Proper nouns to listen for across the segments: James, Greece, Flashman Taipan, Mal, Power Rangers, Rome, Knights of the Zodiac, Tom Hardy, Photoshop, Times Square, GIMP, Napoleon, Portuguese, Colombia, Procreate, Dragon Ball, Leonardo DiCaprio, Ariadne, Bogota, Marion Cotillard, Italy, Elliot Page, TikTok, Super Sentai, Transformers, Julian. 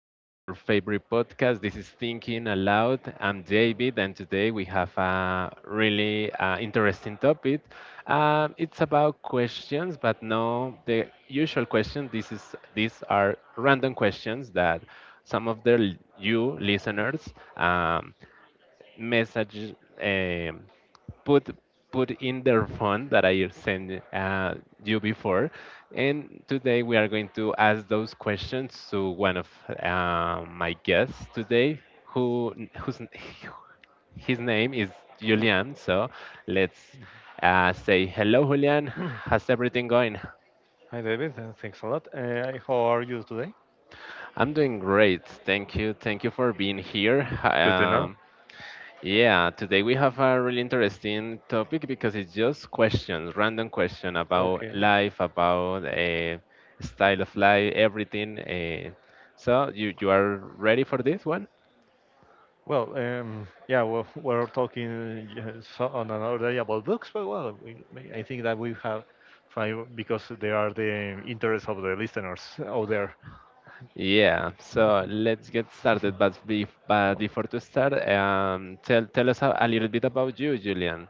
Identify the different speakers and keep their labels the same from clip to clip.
Speaker 1: of your favorite podcast. This is Thinking Aloud. I'm David, and today we have a really interesting topic. It's about questions, but no the usual question. This is These are random questions that some of the l- you listeners. Message um, put put in their phone that I sent you before. And today we are going to ask those questions to one of my guests today, whose his name is Julian. So let's say hello, Julian.
Speaker 2: Hmm.
Speaker 1: How's everything going?
Speaker 2: Hi, David. Thanks a lot. How are you today?
Speaker 1: I'm doing great. Thank you. Thank you for being here.
Speaker 2: Good to know.
Speaker 1: Yeah, today we have a really interesting topic because it's just questions, random question about
Speaker 2: Okay.
Speaker 1: life, about style of life, everything. So you are ready for this one?
Speaker 2: Well, yeah, well, we're talking so on another day about books, but well, I think that we have tried because they are the interests of the listeners out there.
Speaker 1: Yeah. So let's get started. But
Speaker 2: Oh,
Speaker 1: before to start, tell us a little bit about you, Julian.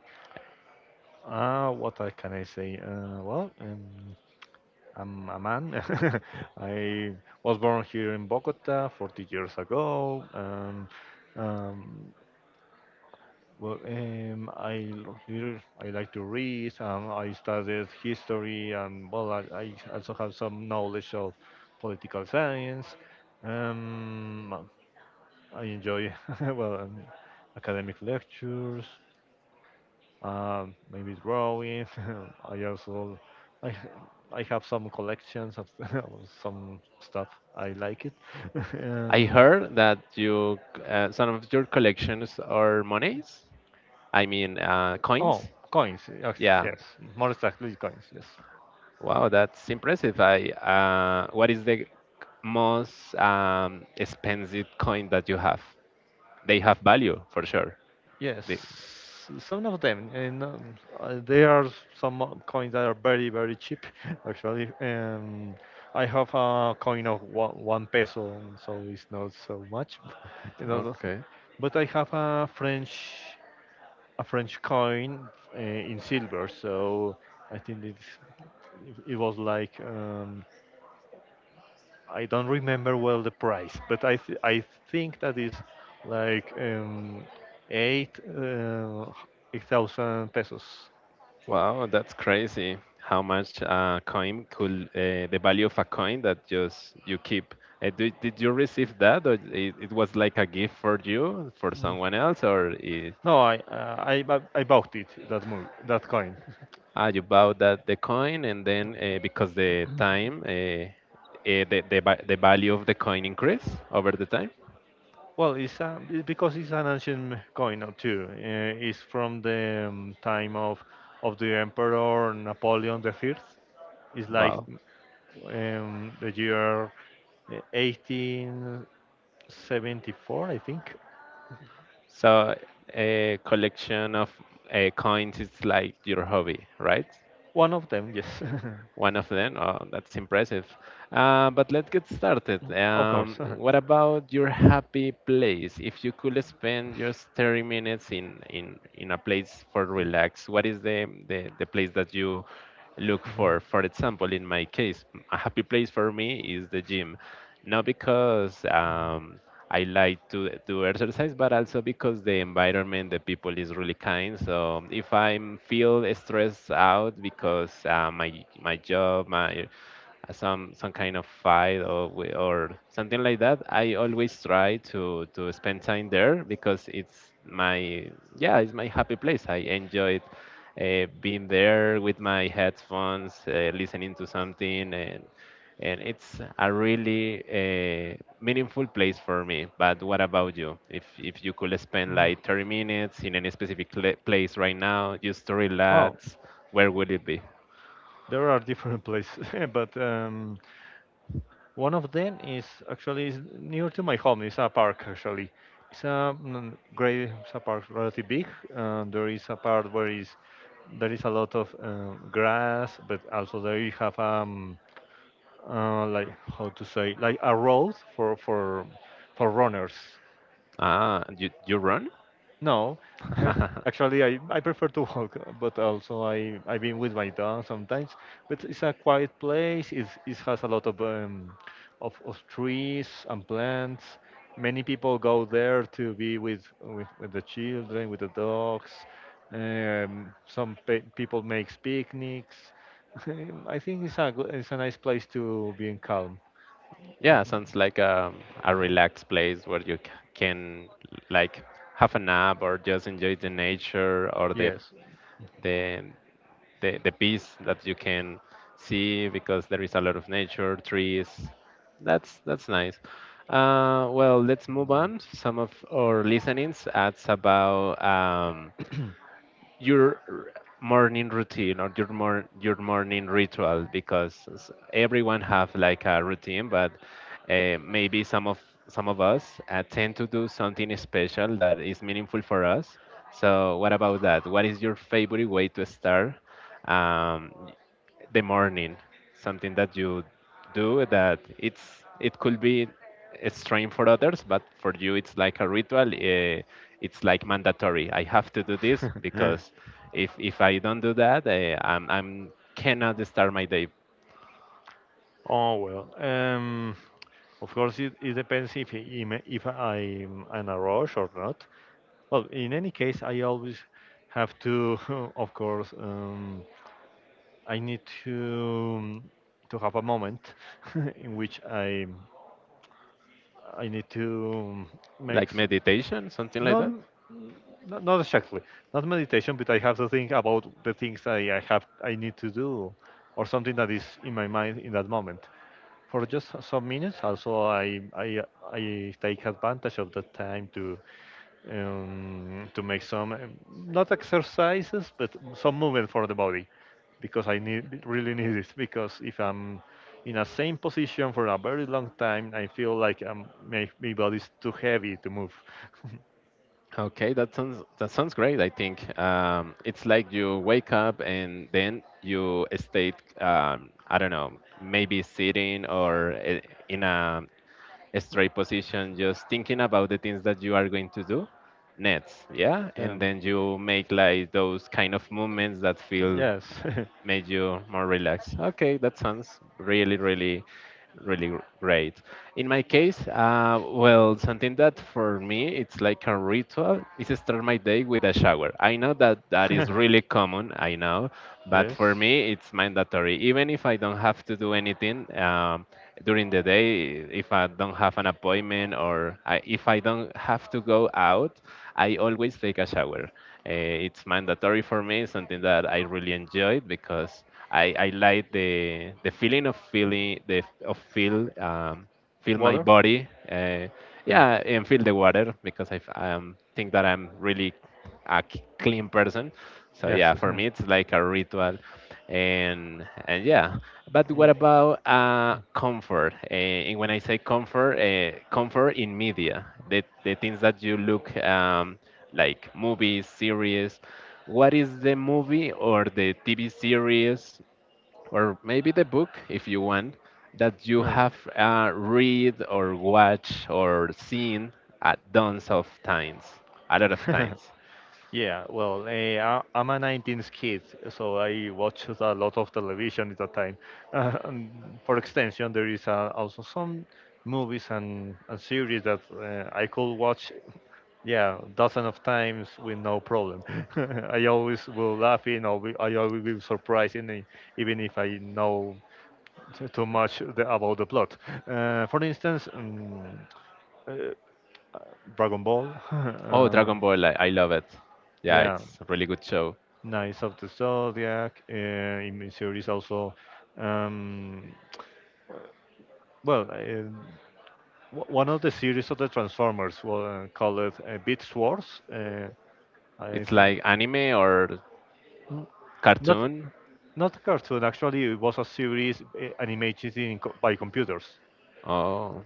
Speaker 2: ah, what I can I say? Well, I'm a man. I was born here in Bogota 40 years ago. Um, Well, I like to read. I studied history, and well, I also have some knowledge of political science. Well, I enjoy well academic lectures, maybe drawing. I also I h- I have some collections of of some stuff. I like it.
Speaker 1: I
Speaker 2: um,
Speaker 1: heard that you some of your collections are monies. I mean,
Speaker 2: oh,
Speaker 1: coins.
Speaker 2: coins. Yes,
Speaker 1: Yeah.
Speaker 2: yes, more exactly coins. Yes.
Speaker 1: Wow, that's impressive. I What is the most expensive coin that you have? They have value for sure.
Speaker 2: Yes,
Speaker 1: They,
Speaker 2: some of them, and there are some coins that are very, very cheap, actually. And I have a coin of one peso, so it's not so much, you know. the-
Speaker 1: okay.
Speaker 2: But I have a French coin in silver, so I think it was like I don't remember well the price, but I think that is like eight uh, 8,000 pesos.
Speaker 1: Wow, that's crazy. How much coin could the value of a coin that just you keep? Did you receive that, or it was like a gift for you, for
Speaker 2: Mm.
Speaker 1: someone else,
Speaker 2: No, I bought that coin.
Speaker 1: ah, you bought that the coin and then because the time, the value of the coin increase over the time?
Speaker 2: Well, it's because it's an ancient coin too. It's from the time of the Emperor Napoleon the Third. It's like
Speaker 1: Wow.
Speaker 2: the year 1874, I think.
Speaker 1: So a collection of coins is like your hobby, right?
Speaker 2: One of them, yes.
Speaker 1: One of them. Oh, that's impressive. But let's get started.
Speaker 2: Of course.
Speaker 1: What about your happy place? If you could spend just 30 minutes in a place for relax, what is the place that you look for? For example, in my case, a happy place for me is the gym. Not because I like to do exercise, but also because the environment, the people is really kind. So if I feel stressed out because my job, my some kind of fight or something like that, I always try to spend time there because it's my yeah, it's my happy place. I enjoy it being there with my headphones, listening to something, and it's a really meaningful place for me. But what about you? If you could spend like 30 minutes in any specific place right now, just to
Speaker 2: Well,
Speaker 1: relax, where would it be?
Speaker 2: there are different places, but one of them is actually is near to my home. It's a park actually. It's a, great. It's a park relatively big. There is a part where is there is a lot of grass, but also there you have like how to say like a road for runners.
Speaker 1: Ah, you run?
Speaker 2: No, actually, I prefer to walk, but also I've been with my dog sometimes. But it's a quiet place. It has a lot of of trees and plants. Many people go there to be with the children, with the dogs. Some pe people makes picnics. I think it's a nice place to be in calm.
Speaker 1: Yeah, sounds like a relaxed place where you can like have a nap or just enjoy the nature or
Speaker 2: Yes.
Speaker 1: the the peace that you can see because there is a lot of nature, trees. That's nice. Well, let's move on. Some of our listenings ads about your r- morning routine or your your morning ritual because everyone have like a routine, but maybe some of us tend to do something special that is meaningful for us. So what about that? What is your favorite way to start um, the morning, something that you do that it's it could be a strain for others, but for you it's like a ritual. It's like mandatory, I have to do this because if I don't do that, I'm cannot start my day.
Speaker 2: Oh, well, of course, it depends if I'm in a rush or not. Well, in any case, I always have to, of course, I need to have a moment in which I need to make
Speaker 1: Like
Speaker 2: s-
Speaker 1: meditation, something like
Speaker 2: not,
Speaker 1: that?
Speaker 2: not exactly, not meditation, but I have to think about the things I need to do, or something that is in my mind in that moment. For just some minutes, also I take advantage of the time to make some not exercises but some movement for the body because I need really need it because if I'm in a same position for a very long time I feel like my body is too heavy to move.
Speaker 1: Okay, that sounds great. I think it's like you wake up and then you stay. I don't know, maybe sitting or in a straight position, just thinking about the things that you are going to do next, yeah?
Speaker 2: Yeah.
Speaker 1: And then you make like those kind of movements that feel
Speaker 2: Yes.
Speaker 1: made you more relaxed. Okay, that sounds really, really really great. In my case, well, something that for me it's like a ritual is start my day with a shower. I know that that is really common, I know, but
Speaker 2: Yes.
Speaker 1: for me it's mandatory. Even if I don't have to do anything during the day, if I don't have an appointment or if I don't have to go out, I always take a shower. It's mandatory for me, something that I really enjoy because. I like the feeling of feeling the of feel my
Speaker 2: Water.
Speaker 1: body
Speaker 2: Yeah.
Speaker 1: yeah, and feel the water because I think that I'm really a clean person, so
Speaker 2: Yes.
Speaker 1: yeah, for me it's like a ritual. And yeah, but what
Speaker 2: Mm,
Speaker 1: about comfort? And when I say comfort, comfort in media, the things that you look like movies, series? What is the movie or the TV series or maybe the book, if you want, that you
Speaker 2: right.
Speaker 1: have read or watched or seen at tons of times? A lot of times.
Speaker 2: Yeah. Well, I'm a 19s kid, so I watch a lot of television at that time. And for extension, there is also some movies and series that I could watch. Yeah, dozen of times with no problem. I always will laugh in, or I always will surprise in, even if I know too much about the plot. For instance, uh, Dragon Ball,
Speaker 1: Oh, Dragon Ball, I love it. Yeah,
Speaker 2: yeah,
Speaker 1: it's a really good show.
Speaker 2: Knights of the Zodiac. In series also, um, well, one of the series of the Transformers was called Beast Wars. I
Speaker 1: It's
Speaker 2: think,
Speaker 1: like anime or
Speaker 2: mm, not
Speaker 1: cartoon.
Speaker 2: not a cartoon. Actually, it was a series animated by computers.
Speaker 1: Oh.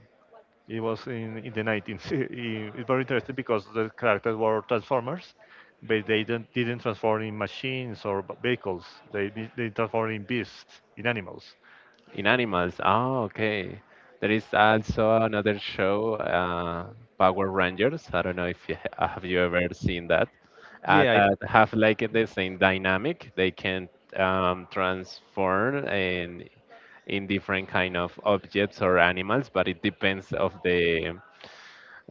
Speaker 2: It was in the 19s. It's very interesting because the characters were transformers, but they didn't transform in machines or vehicles. They transform in beasts, in animals.
Speaker 1: In animals. Oh, okay. There is also another show, Power Rangers. I don't know if you have you ever seen that.
Speaker 2: Yeah,
Speaker 1: That have like the same dynamic. They can transform in different kind of objects or animals, but it depends of the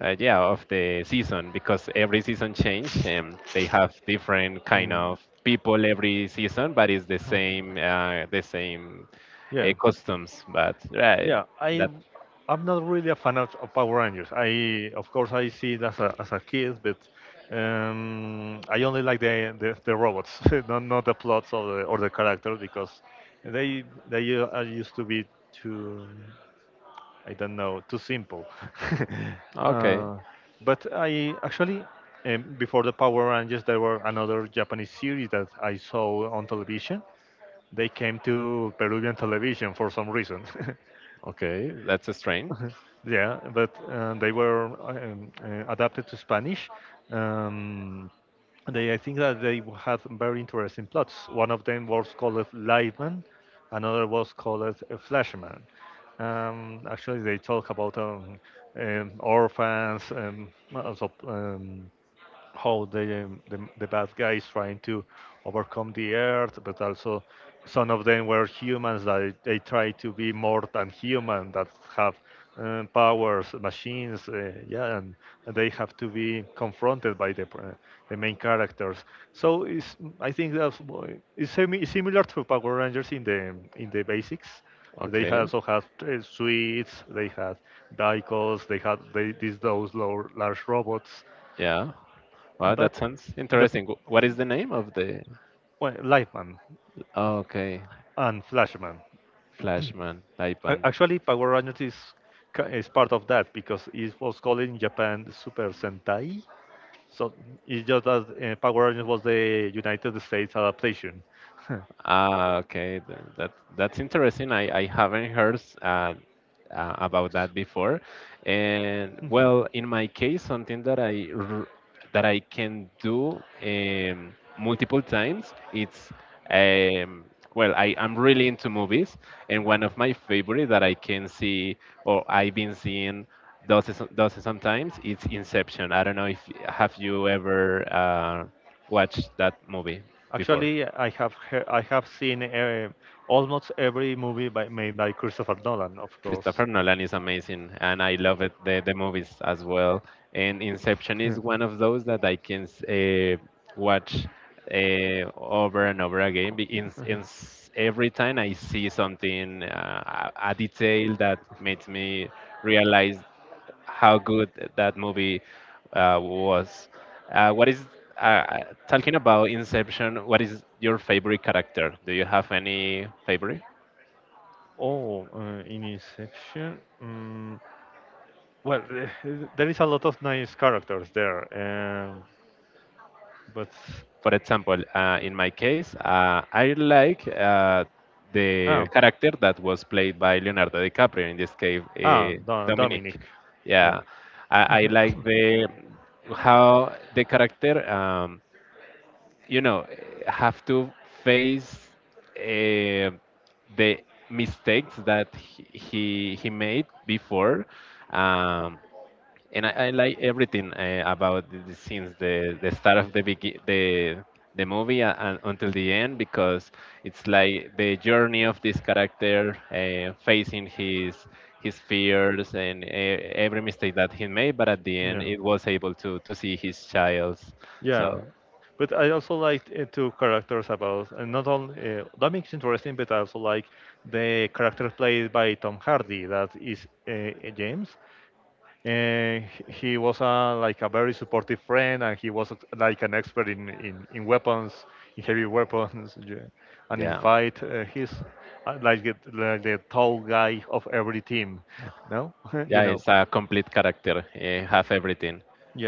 Speaker 1: yeah, of the season because every season change and they have different kind
Speaker 2: mm,
Speaker 1: of people every season, but it's the same
Speaker 2: yeah,
Speaker 1: customs but right
Speaker 2: yeah. I
Speaker 1: that
Speaker 2: I'm not really a fan of Power Rangers. I of course I see it as a kid, but I only like the robots, not the plots or the characters because they are used to be too. I don't know, too simple.
Speaker 1: okay.
Speaker 2: uh, but I actually, before the Power Rangers, there were another Japanese series that I saw on television. They came to Peruvian television for some reason.
Speaker 1: Okay, that's a strain.
Speaker 2: Yeah, but they were adapted to Spanish. Um, I think that they had very interesting plots. One of them was called Liveman, another was called Flashman. Actually, they talk about orphans, also, how the bad guys trying to overcome the earth, but also some of them were humans that they try to be more than human that have powers, machines, yeah, and they have to be confronted by the main characters. So, I think it's semi similar to Power Rangers in the basics. They
Speaker 1: Okay.
Speaker 2: also have suites, they had vehicles, they had they, these those low, large robots.
Speaker 1: Yeah, well that
Speaker 2: But
Speaker 1: sounds
Speaker 2: the
Speaker 1: interesting. What is the name of the
Speaker 2: well, Lightman
Speaker 1: okay
Speaker 2: and Flashman.
Speaker 1: flashman taipan?
Speaker 2: Actually, Power Rangers is part of that because it was called in Japan Super Sentai. So it's just that Power Rangers was the United States adaptation.
Speaker 1: Ah, okay, that that's interesting. I haven't heard uh, about that before. And well, in my case, something that I can do multiple times, it's um, well, I am really into movies, and one of my favorite that I can see or I've been seeing does it sometimes, it's Inception. I don't know if have you ever watched that movie before.
Speaker 2: Actually, I have seen almost every movie made by Christopher Nolan, of course.
Speaker 1: Christopher Nolan is amazing, and I love it, the movies as well. And Inception is one of those that I can watch over and over again. Every time I see something, a detail that makes me realize how good that movie was. What is uh, Talking about Inception? What is your favorite character? Do you have any favorite?
Speaker 2: Oh, in Inception. Mm, well, there is a lot of nice characters there, um, but
Speaker 1: For example, in my case, I like the
Speaker 2: ah,
Speaker 1: character that was played by Leonardo DiCaprio, in this case,
Speaker 2: ah,
Speaker 1: Dominic.
Speaker 2: Dominic. Yeah,
Speaker 1: Yeah, I like the how the character, you know, have to face uh, the mistakes that he made before. Um, and I like everything about the scenes, the start of the the movie and until the end, because it's like the journey of this character facing his fears and every mistake that he made, but at the end,
Speaker 2: yeah,
Speaker 1: it was able to see his child's.
Speaker 2: yeah.
Speaker 1: So
Speaker 2: But I also liked two characters about, and not only Dominic's interesting, but I also like the character played by Tom Hardy, that is James. Uh, he was like a very supportive friend, and he was like an expert in weapons, in heavy weapons, yeah, and in
Speaker 1: yeah,
Speaker 2: fight. He's like, like the tall guy of every team, no? you
Speaker 1: yeah,
Speaker 2: know.
Speaker 1: it's a complete character. Have everything,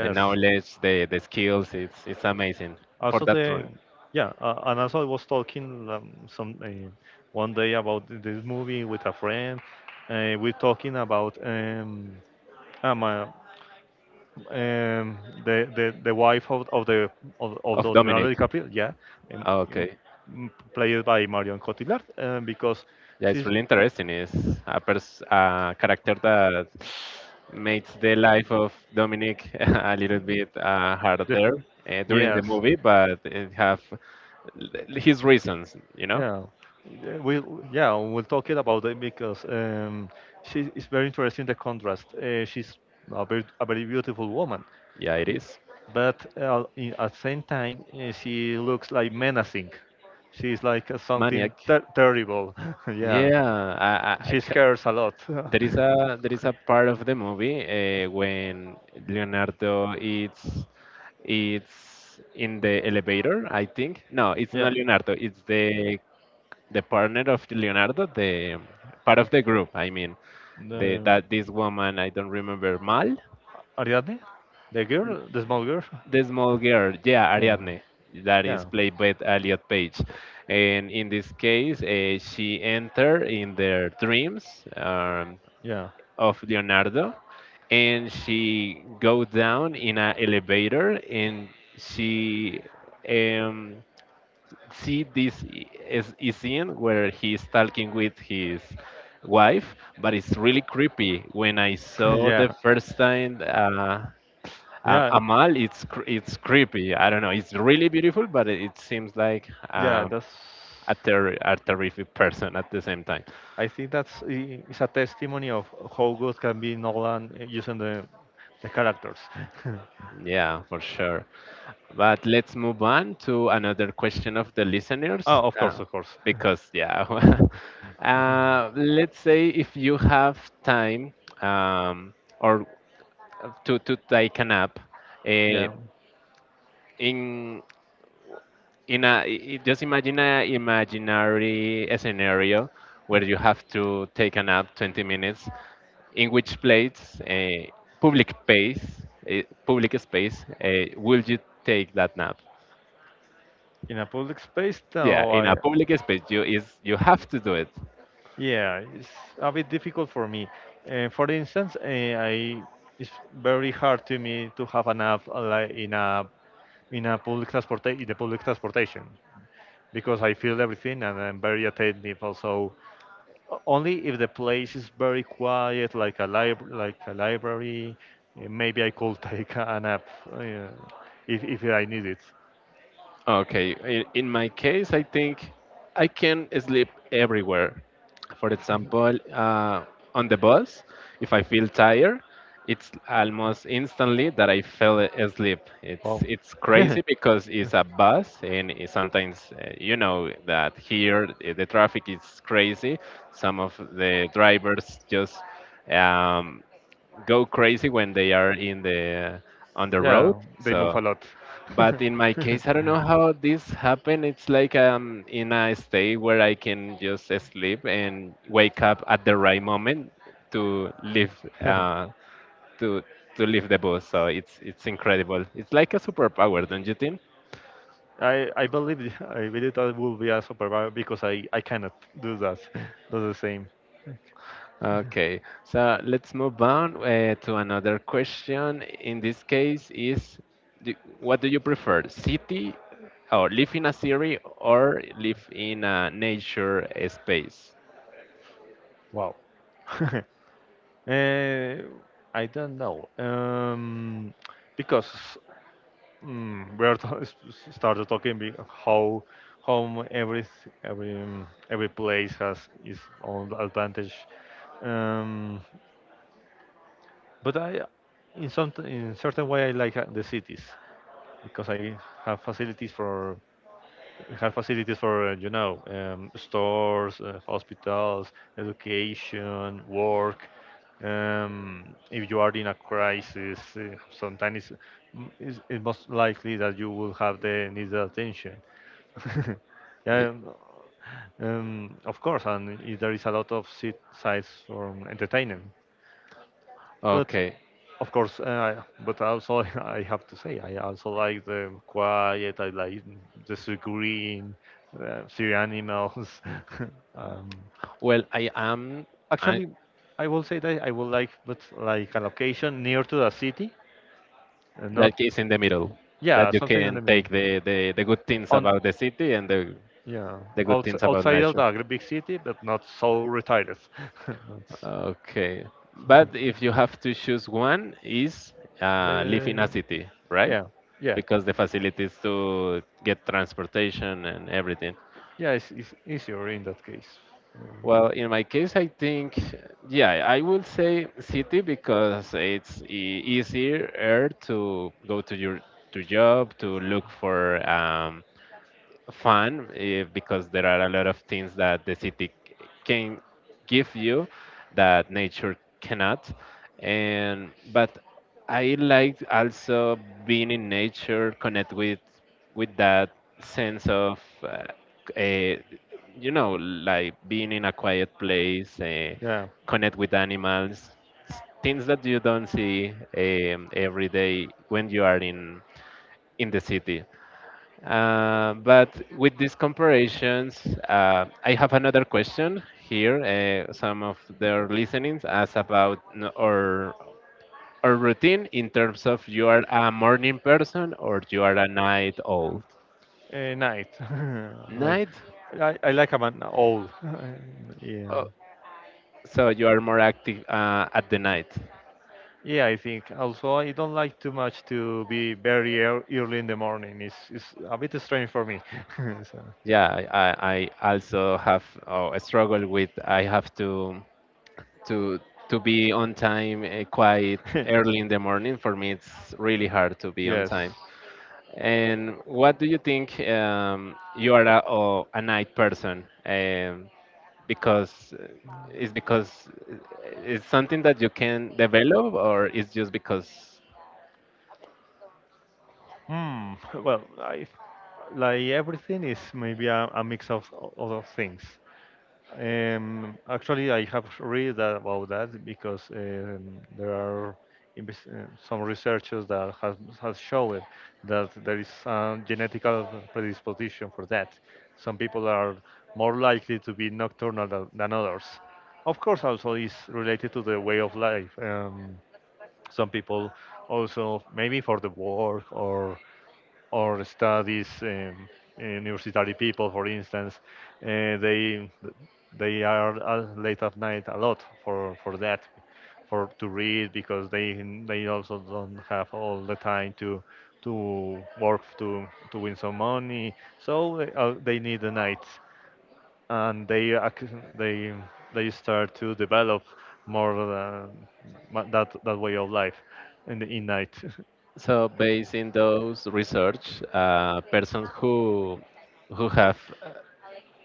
Speaker 1: and knowledge, the skills. It's amazing for
Speaker 2: Also
Speaker 1: that.
Speaker 2: the Yeah, and also I was talking some one day about this movie with a friend. We're talking about um, uh, um, the wife of the
Speaker 1: Of Dominic.
Speaker 2: Leonardo DiCaprio, yeah, um,
Speaker 1: Ah,
Speaker 2: um,
Speaker 1: Okay.
Speaker 2: played by Marion Cotillard, because
Speaker 1: Yeah, it's
Speaker 2: she's
Speaker 1: really interesting. It's a, a character that makes the life of Dominic a little bit harder
Speaker 2: the
Speaker 1: during the
Speaker 2: yes,
Speaker 1: movie, but it have his reasons, you know?
Speaker 2: yeah. We Yeah, we'll talk it about it because she is very interesting the contrast. She's a very beautiful woman,
Speaker 1: Yeah, it is.
Speaker 2: but at same time she looks like menacing. She's like something
Speaker 1: Maniac.
Speaker 2: terrible. Yeah,
Speaker 1: Yeah, I
Speaker 2: she scares a lot.
Speaker 1: there is a part of the movie when Leonardo is it's in the elevator, I think. No, it's
Speaker 2: Yeah,
Speaker 1: not Leonardo. It's the partner of Leonardo, the part of the group. I mean, the
Speaker 2: the
Speaker 1: that this woman I don't remember Mal,
Speaker 2: Ariadne, the girl, the small girl.
Speaker 1: the small girl. Yeah,
Speaker 2: Yeah.
Speaker 1: Ariadne. That is
Speaker 2: Yeah,
Speaker 1: played by Elliot Page, and in this case, she entered in their dreams.
Speaker 2: yeah,
Speaker 1: Of Leonardo, and she go down in an elevator, and she um, see this is scene where he's talking with his wife, but it's really creepy. When I saw the
Speaker 2: yeah,
Speaker 1: first time.
Speaker 2: yeah,
Speaker 1: Amal, it's it's creepy. I don't know. It's really beautiful, but it seems like
Speaker 2: yeah.
Speaker 1: um,
Speaker 2: That's.
Speaker 1: a, a terrific person at the same time.
Speaker 2: I think it's a testimony of how good can be Nolan using the characters.
Speaker 1: Yeah, for sure. But let's move on to another question of the listeners,
Speaker 2: Oh, of course,
Speaker 1: uh,
Speaker 2: of course.
Speaker 1: because yeah, let's say if you have time um, or to take a nap uh,
Speaker 2: Yeah.
Speaker 1: in in a just imagine a imaginary scenario where you have to take a nap 20 minutes in which place public space public space will you take that nap?
Speaker 2: In a public space,
Speaker 1: Yeah,
Speaker 2: no,
Speaker 1: in a
Speaker 2: I
Speaker 1: public space you is you have to do it.
Speaker 2: yeah, it's a bit difficult for me. For instance, I it's very hard to me to have an app like in a public transport in the public transportation because I feel everything and I'm very attentive. Also, only if the place is very quiet, like a library, maybe I could take an app uh, if I need it.
Speaker 1: Okay, in my case, I think I can sleep everywhere. For example, on the bus, if I feel tired, it's almost instantly that I fell asleep. It's
Speaker 2: Oh,
Speaker 1: it's crazy because it's a bus, and it sometimes you know that here the traffic is crazy. Some of the drivers just um, go crazy when they are in the on the road.
Speaker 2: yeah, they move
Speaker 1: So
Speaker 2: a lot.
Speaker 1: but in my case, I don't know how this happened. It's like in a state where I can just sleep and wake up at the right moment to leave uh, to to leave the bus. So it's incredible. It's like a superpower, don't you think?
Speaker 2: I believe I believe that will be a superpower because I cannot do that. do the same.
Speaker 1: Okay, so let's move on to another question. In this case, do, what do you prefer, city or live in a city or live in a nature space?
Speaker 2: Wow. Eh, I don't know. Because we are started talking how every every place has its own advantage. Um, but I in certain way I like the cities because I have facilities for have facilities for, stores, hospitals, education, work. If you are in a crisis, sometimes it's most likely that you will have the needed attention.
Speaker 1: Y-
Speaker 2: Yeah, of course, and there is a lot of sites for entertainment. But
Speaker 1: Okay.
Speaker 2: of course, but also I have to say I also like the quiet. I like the sea green, sea animals. um,
Speaker 1: Well, I am I,
Speaker 2: Actually, I will say that I would like, but like a location near to the city, and not
Speaker 1: like it's in the middle that
Speaker 2: yeah,
Speaker 1: you
Speaker 2: something in the
Speaker 1: can
Speaker 2: middle.
Speaker 1: take the good things
Speaker 2: On
Speaker 1: about the city and the,
Speaker 2: Yeah,
Speaker 1: the good things about
Speaker 2: outside of
Speaker 1: nature.
Speaker 2: the big city, but not so retired. That's
Speaker 1: Okay. But if you have to choose one is live in a
Speaker 2: the
Speaker 1: city, right?
Speaker 2: yeah, yeah,
Speaker 1: Because the facilities to get transportation and everything.
Speaker 2: yeah. It's easier in that case. Uh,
Speaker 1: Well, in my case, I think, yeah, I will say city because it's e- easier to go to your to job to look for um, fun because there are a lot of things that the city c- can give you that nature cannot, and but I like also being in nature, connect with that sense of eh, you know, like being in a quiet place
Speaker 2: yeah.
Speaker 1: connect with animals, s- things that you don't see every day when you are in the city, but with these comparations, I have another question here. Some of their listenings ask about n- our routine in terms of, you are a morning person or you are a night old.
Speaker 2: Night. like,
Speaker 1: Night,
Speaker 2: I like about man old. yeah.
Speaker 1: oh, so you are more active at the night.
Speaker 2: Yeah, I think. Also, I don't like too much to be very early in the morning. It's a bit strange for me. so,
Speaker 1: Yeah, I also have oh, a struggle with, I have to to to be on time quite early in the morning. For me, it's really hard to be on
Speaker 2: yes.
Speaker 1: time. And what do you think? You are a, oh, a night person, because it's because it's something that you can develop, or it's just because.
Speaker 2: Hmm. Well, I like everything is maybe a mix of other things. Actually, I have about that because there are some researchers that has shown that there is a genetic predisposition for that. Some people are more likely to be nocturnal than others. Of course, also is related to the way of life. Some people also maybe for the work or studies university people, for instance, uh, they they are late at night a lot for that, for to read because they also don't have all the time to work to win some money, so they need the nights and they they start to develop more that way of life in the in night.
Speaker 1: So, based in those research,
Speaker 2: Yep.
Speaker 1: persons who have uh,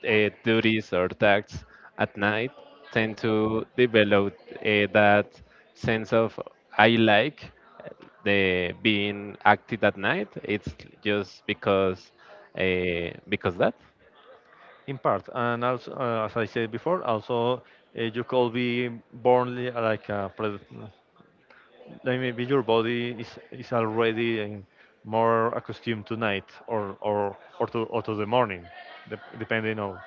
Speaker 1: duties or tasks at night tend to develop that sense of I like uh, the being active at night. It's just because that.
Speaker 2: In part and also as I said before, also you could be born like like maybe your body is already more accustomed to night or or or to the morning, depending on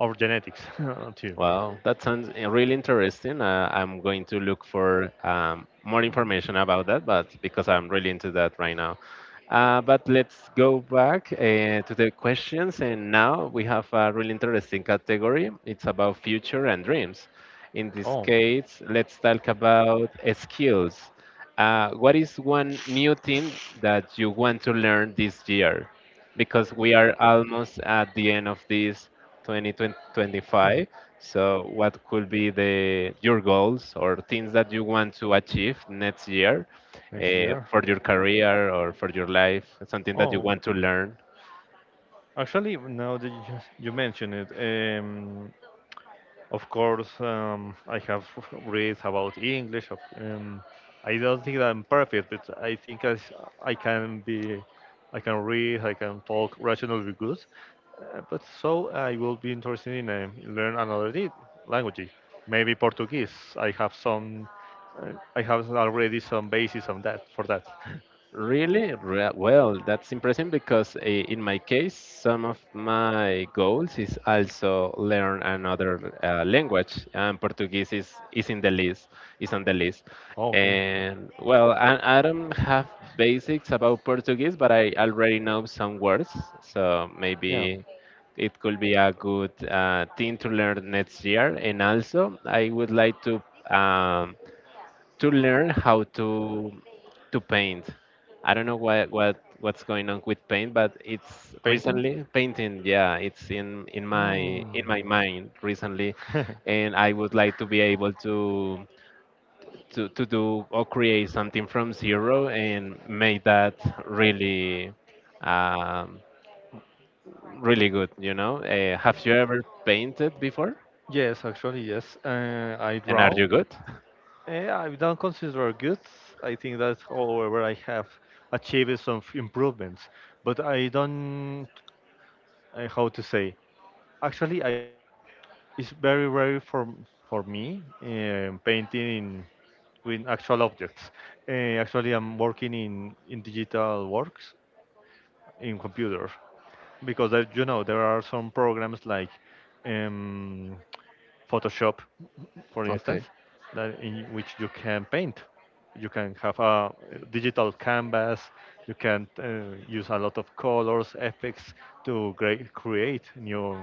Speaker 2: our genetics too.
Speaker 1: Wow, that sounds really interesting. I'm going to look for more information about that, but because I'm really into that right now. But let's go back to the questions, and now we have a really interesting category. It's about future and dreams. In this
Speaker 2: Oh,
Speaker 1: case, let's talk about skills. What is one new thing that you want to learn this year? Because we are almost at the end of this 2025. So, what could be the your goals or things that you want to achieve next year
Speaker 2: next year.
Speaker 1: for your career or for your life? Something that you
Speaker 2: Oh,
Speaker 1: want to learn?
Speaker 2: actually now that you mentioned it, um, of course, I have read about English. I don't think that I'm perfect, but I think I can be, I can read, I can talk rationally good. But so I will be interested in learn language, maybe Portuguese. Uh, I have already some basis on that for that.
Speaker 1: Really? Re- Well, that's impressive because in my case, some of my goals is also learn another language, and Portuguese is in the list, is on the list.
Speaker 2: Okay,
Speaker 1: And well, I don't have basics about Portuguese, but I already know some words, so
Speaker 2: yeah,
Speaker 1: maybe it could be a good thing to learn next year. And also, I would like to. Um, to learn how to paint. I don't know what what's going on with paint, but it's
Speaker 2: painting.
Speaker 1: recently painting. Yeah, it's
Speaker 2: Hmm.
Speaker 1: in my mind recently, and I would like to be able to to do or create something from zero and make that really um, really good. You know, have you ever painted before?
Speaker 2: Yes, actually, yes. I
Speaker 1: And are
Speaker 2: draw.
Speaker 1: you good?
Speaker 2: Eh, I've done considerable good. I think that's all where I have achieved some improvements, but I don't, how to say. Actually, I, it's very rare for for me, painting in, with actual objects. Eh, actually, I'm working in digital works in computer because there, you know, there are some programs like um, Photoshop, for instance,
Speaker 1: Okay.
Speaker 2: that in which you can paint. You can have a digital canvas. You can use a lot of colors, effects to create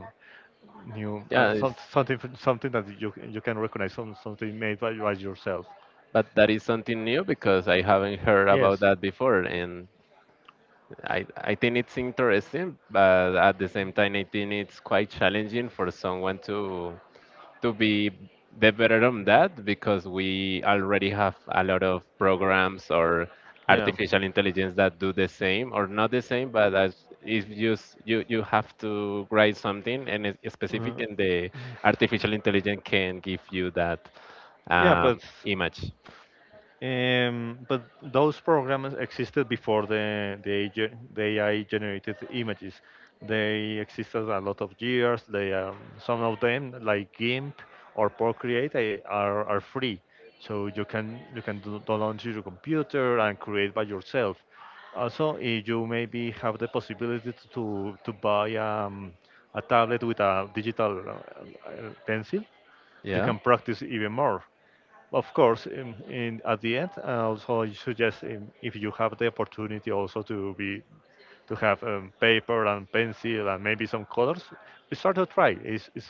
Speaker 2: new
Speaker 1: Yeah, it's
Speaker 2: some, something, something that you can recognize, some, something made by yourself.
Speaker 1: But that is something new because I haven't heard about
Speaker 2: Yes.
Speaker 1: that before, and I think it's interesting, but at the same time, I think it's quite challenging for someone to be the better on that because we already have a lot of programs or
Speaker 2: Yeah.
Speaker 1: artificial intelligence that do the same or not the same, but as if you s- you have to write something and it's specific,
Speaker 2: Uh,
Speaker 1: and the artificial intelligence can give you that
Speaker 2: yeah,
Speaker 1: image.
Speaker 2: But those programs existed before AI, the AI generated images. They existed a lot of years. They, some of them like GIMP or Procreate, eh, are free, so you can download to your computer and create by yourself. Also, if you maybe have the possibility to to buy a tablet with a digital pencil, you
Speaker 1: Yeah.
Speaker 2: can practice even more. Of course, in at the end, I also suggest, if you have the opportunity also to be to have paper and pencil and maybe some colors, start to try. Is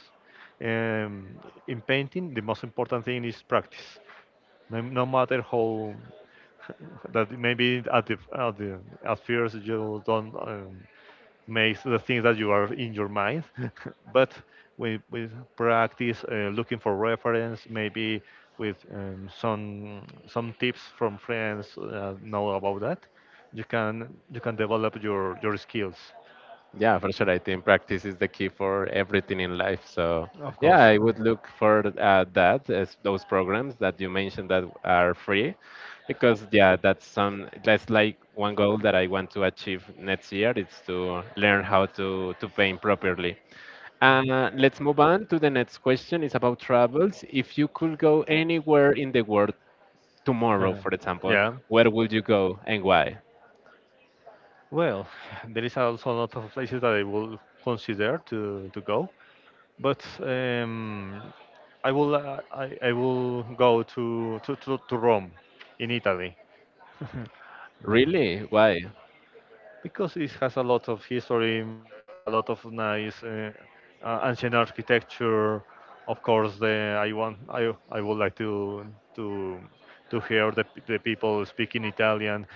Speaker 2: um, in painting the most important thing is practice, no matter how. That maybe at the at the at first you don't make the things that you are in your mind, but with practice, looking for reference, maybe with some tips from friends know about that, you can develop your skills.
Speaker 1: Yeah, for sure. I think practice is the key for everything in life. So
Speaker 2: Of
Speaker 1: yeah,
Speaker 2: course.
Speaker 1: I would look for that as those programs that you mentioned that are free, because yeah, that's some that's like one goal that I want to achieve next year. It's to learn how to paint properly. Let's move on to the next question. It's about travels. If you could go anywhere in the world tomorrow,
Speaker 2: Uh,
Speaker 1: for example,
Speaker 2: yeah.
Speaker 1: where would you go and why?
Speaker 2: Well, there is also a lot of places that I will consider to go. But I will go to Rome in Italy
Speaker 1: Really? Why?
Speaker 2: because it has a lot of history. There are a lot of nice ancient architecture. Of course, I would like to to to hear the people speaking Italian.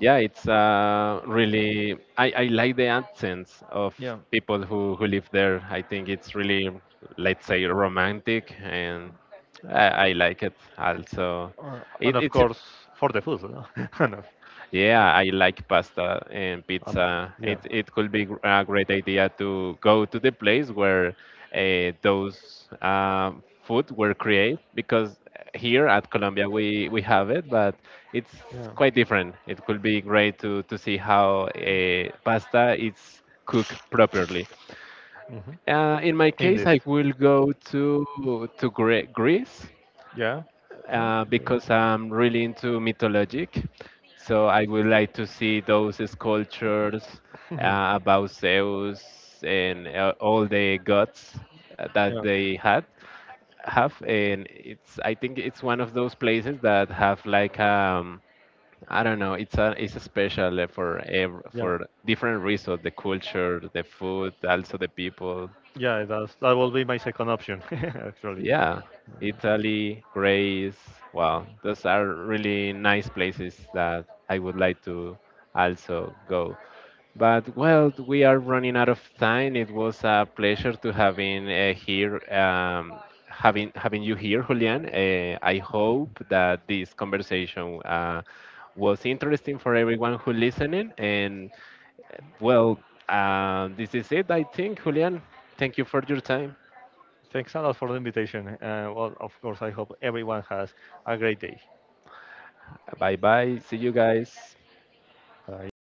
Speaker 1: Yeah, it's really, I like the accents of
Speaker 2: Yeah,
Speaker 1: people who live there. I think it's really, let's say, romantic, and I like it also it,
Speaker 2: and of
Speaker 1: it's.
Speaker 2: course for the food. No? and, of-
Speaker 1: Yeah, I like pasta and
Speaker 2: um,
Speaker 1: pizza.
Speaker 2: yeah,
Speaker 1: It could be gr- a great idea to go to the place where those food were created because here at Colombia we have it, but it's
Speaker 2: yeah,
Speaker 1: quite different. It could be great to see how pasta is cooked properly.
Speaker 2: hmm,
Speaker 1: In my case,
Speaker 2: indeed.
Speaker 1: I will go to Gre- Greece
Speaker 2: Yeah. No? Yeah.
Speaker 1: because I'm really into mythologic. So I would like to see those sculptures about Zeus and all the gods
Speaker 2: Yeah.
Speaker 1: that they had have, and it's, I think it's one of those places that have like I don't know, it's a special for ev-
Speaker 2: Yeah,
Speaker 1: for different reasons, the culture, the food, also the people.
Speaker 2: yeah, that's that will be my second option, actually.
Speaker 1: Yeah, Italy, Greece. Wow, those are really nice places that I would like to also go. But well, we are running out of time. It was a pleasure to having here, having you here, Julian. I hope that this conversation was interesting for everyone who listening. And well, this is it, I think, Julian. Thank you for your time.
Speaker 2: Thanks a lot for the invitation. Well, of course, I hope everyone has a great day.
Speaker 1: Bye bye. See you guys.
Speaker 2: Bye.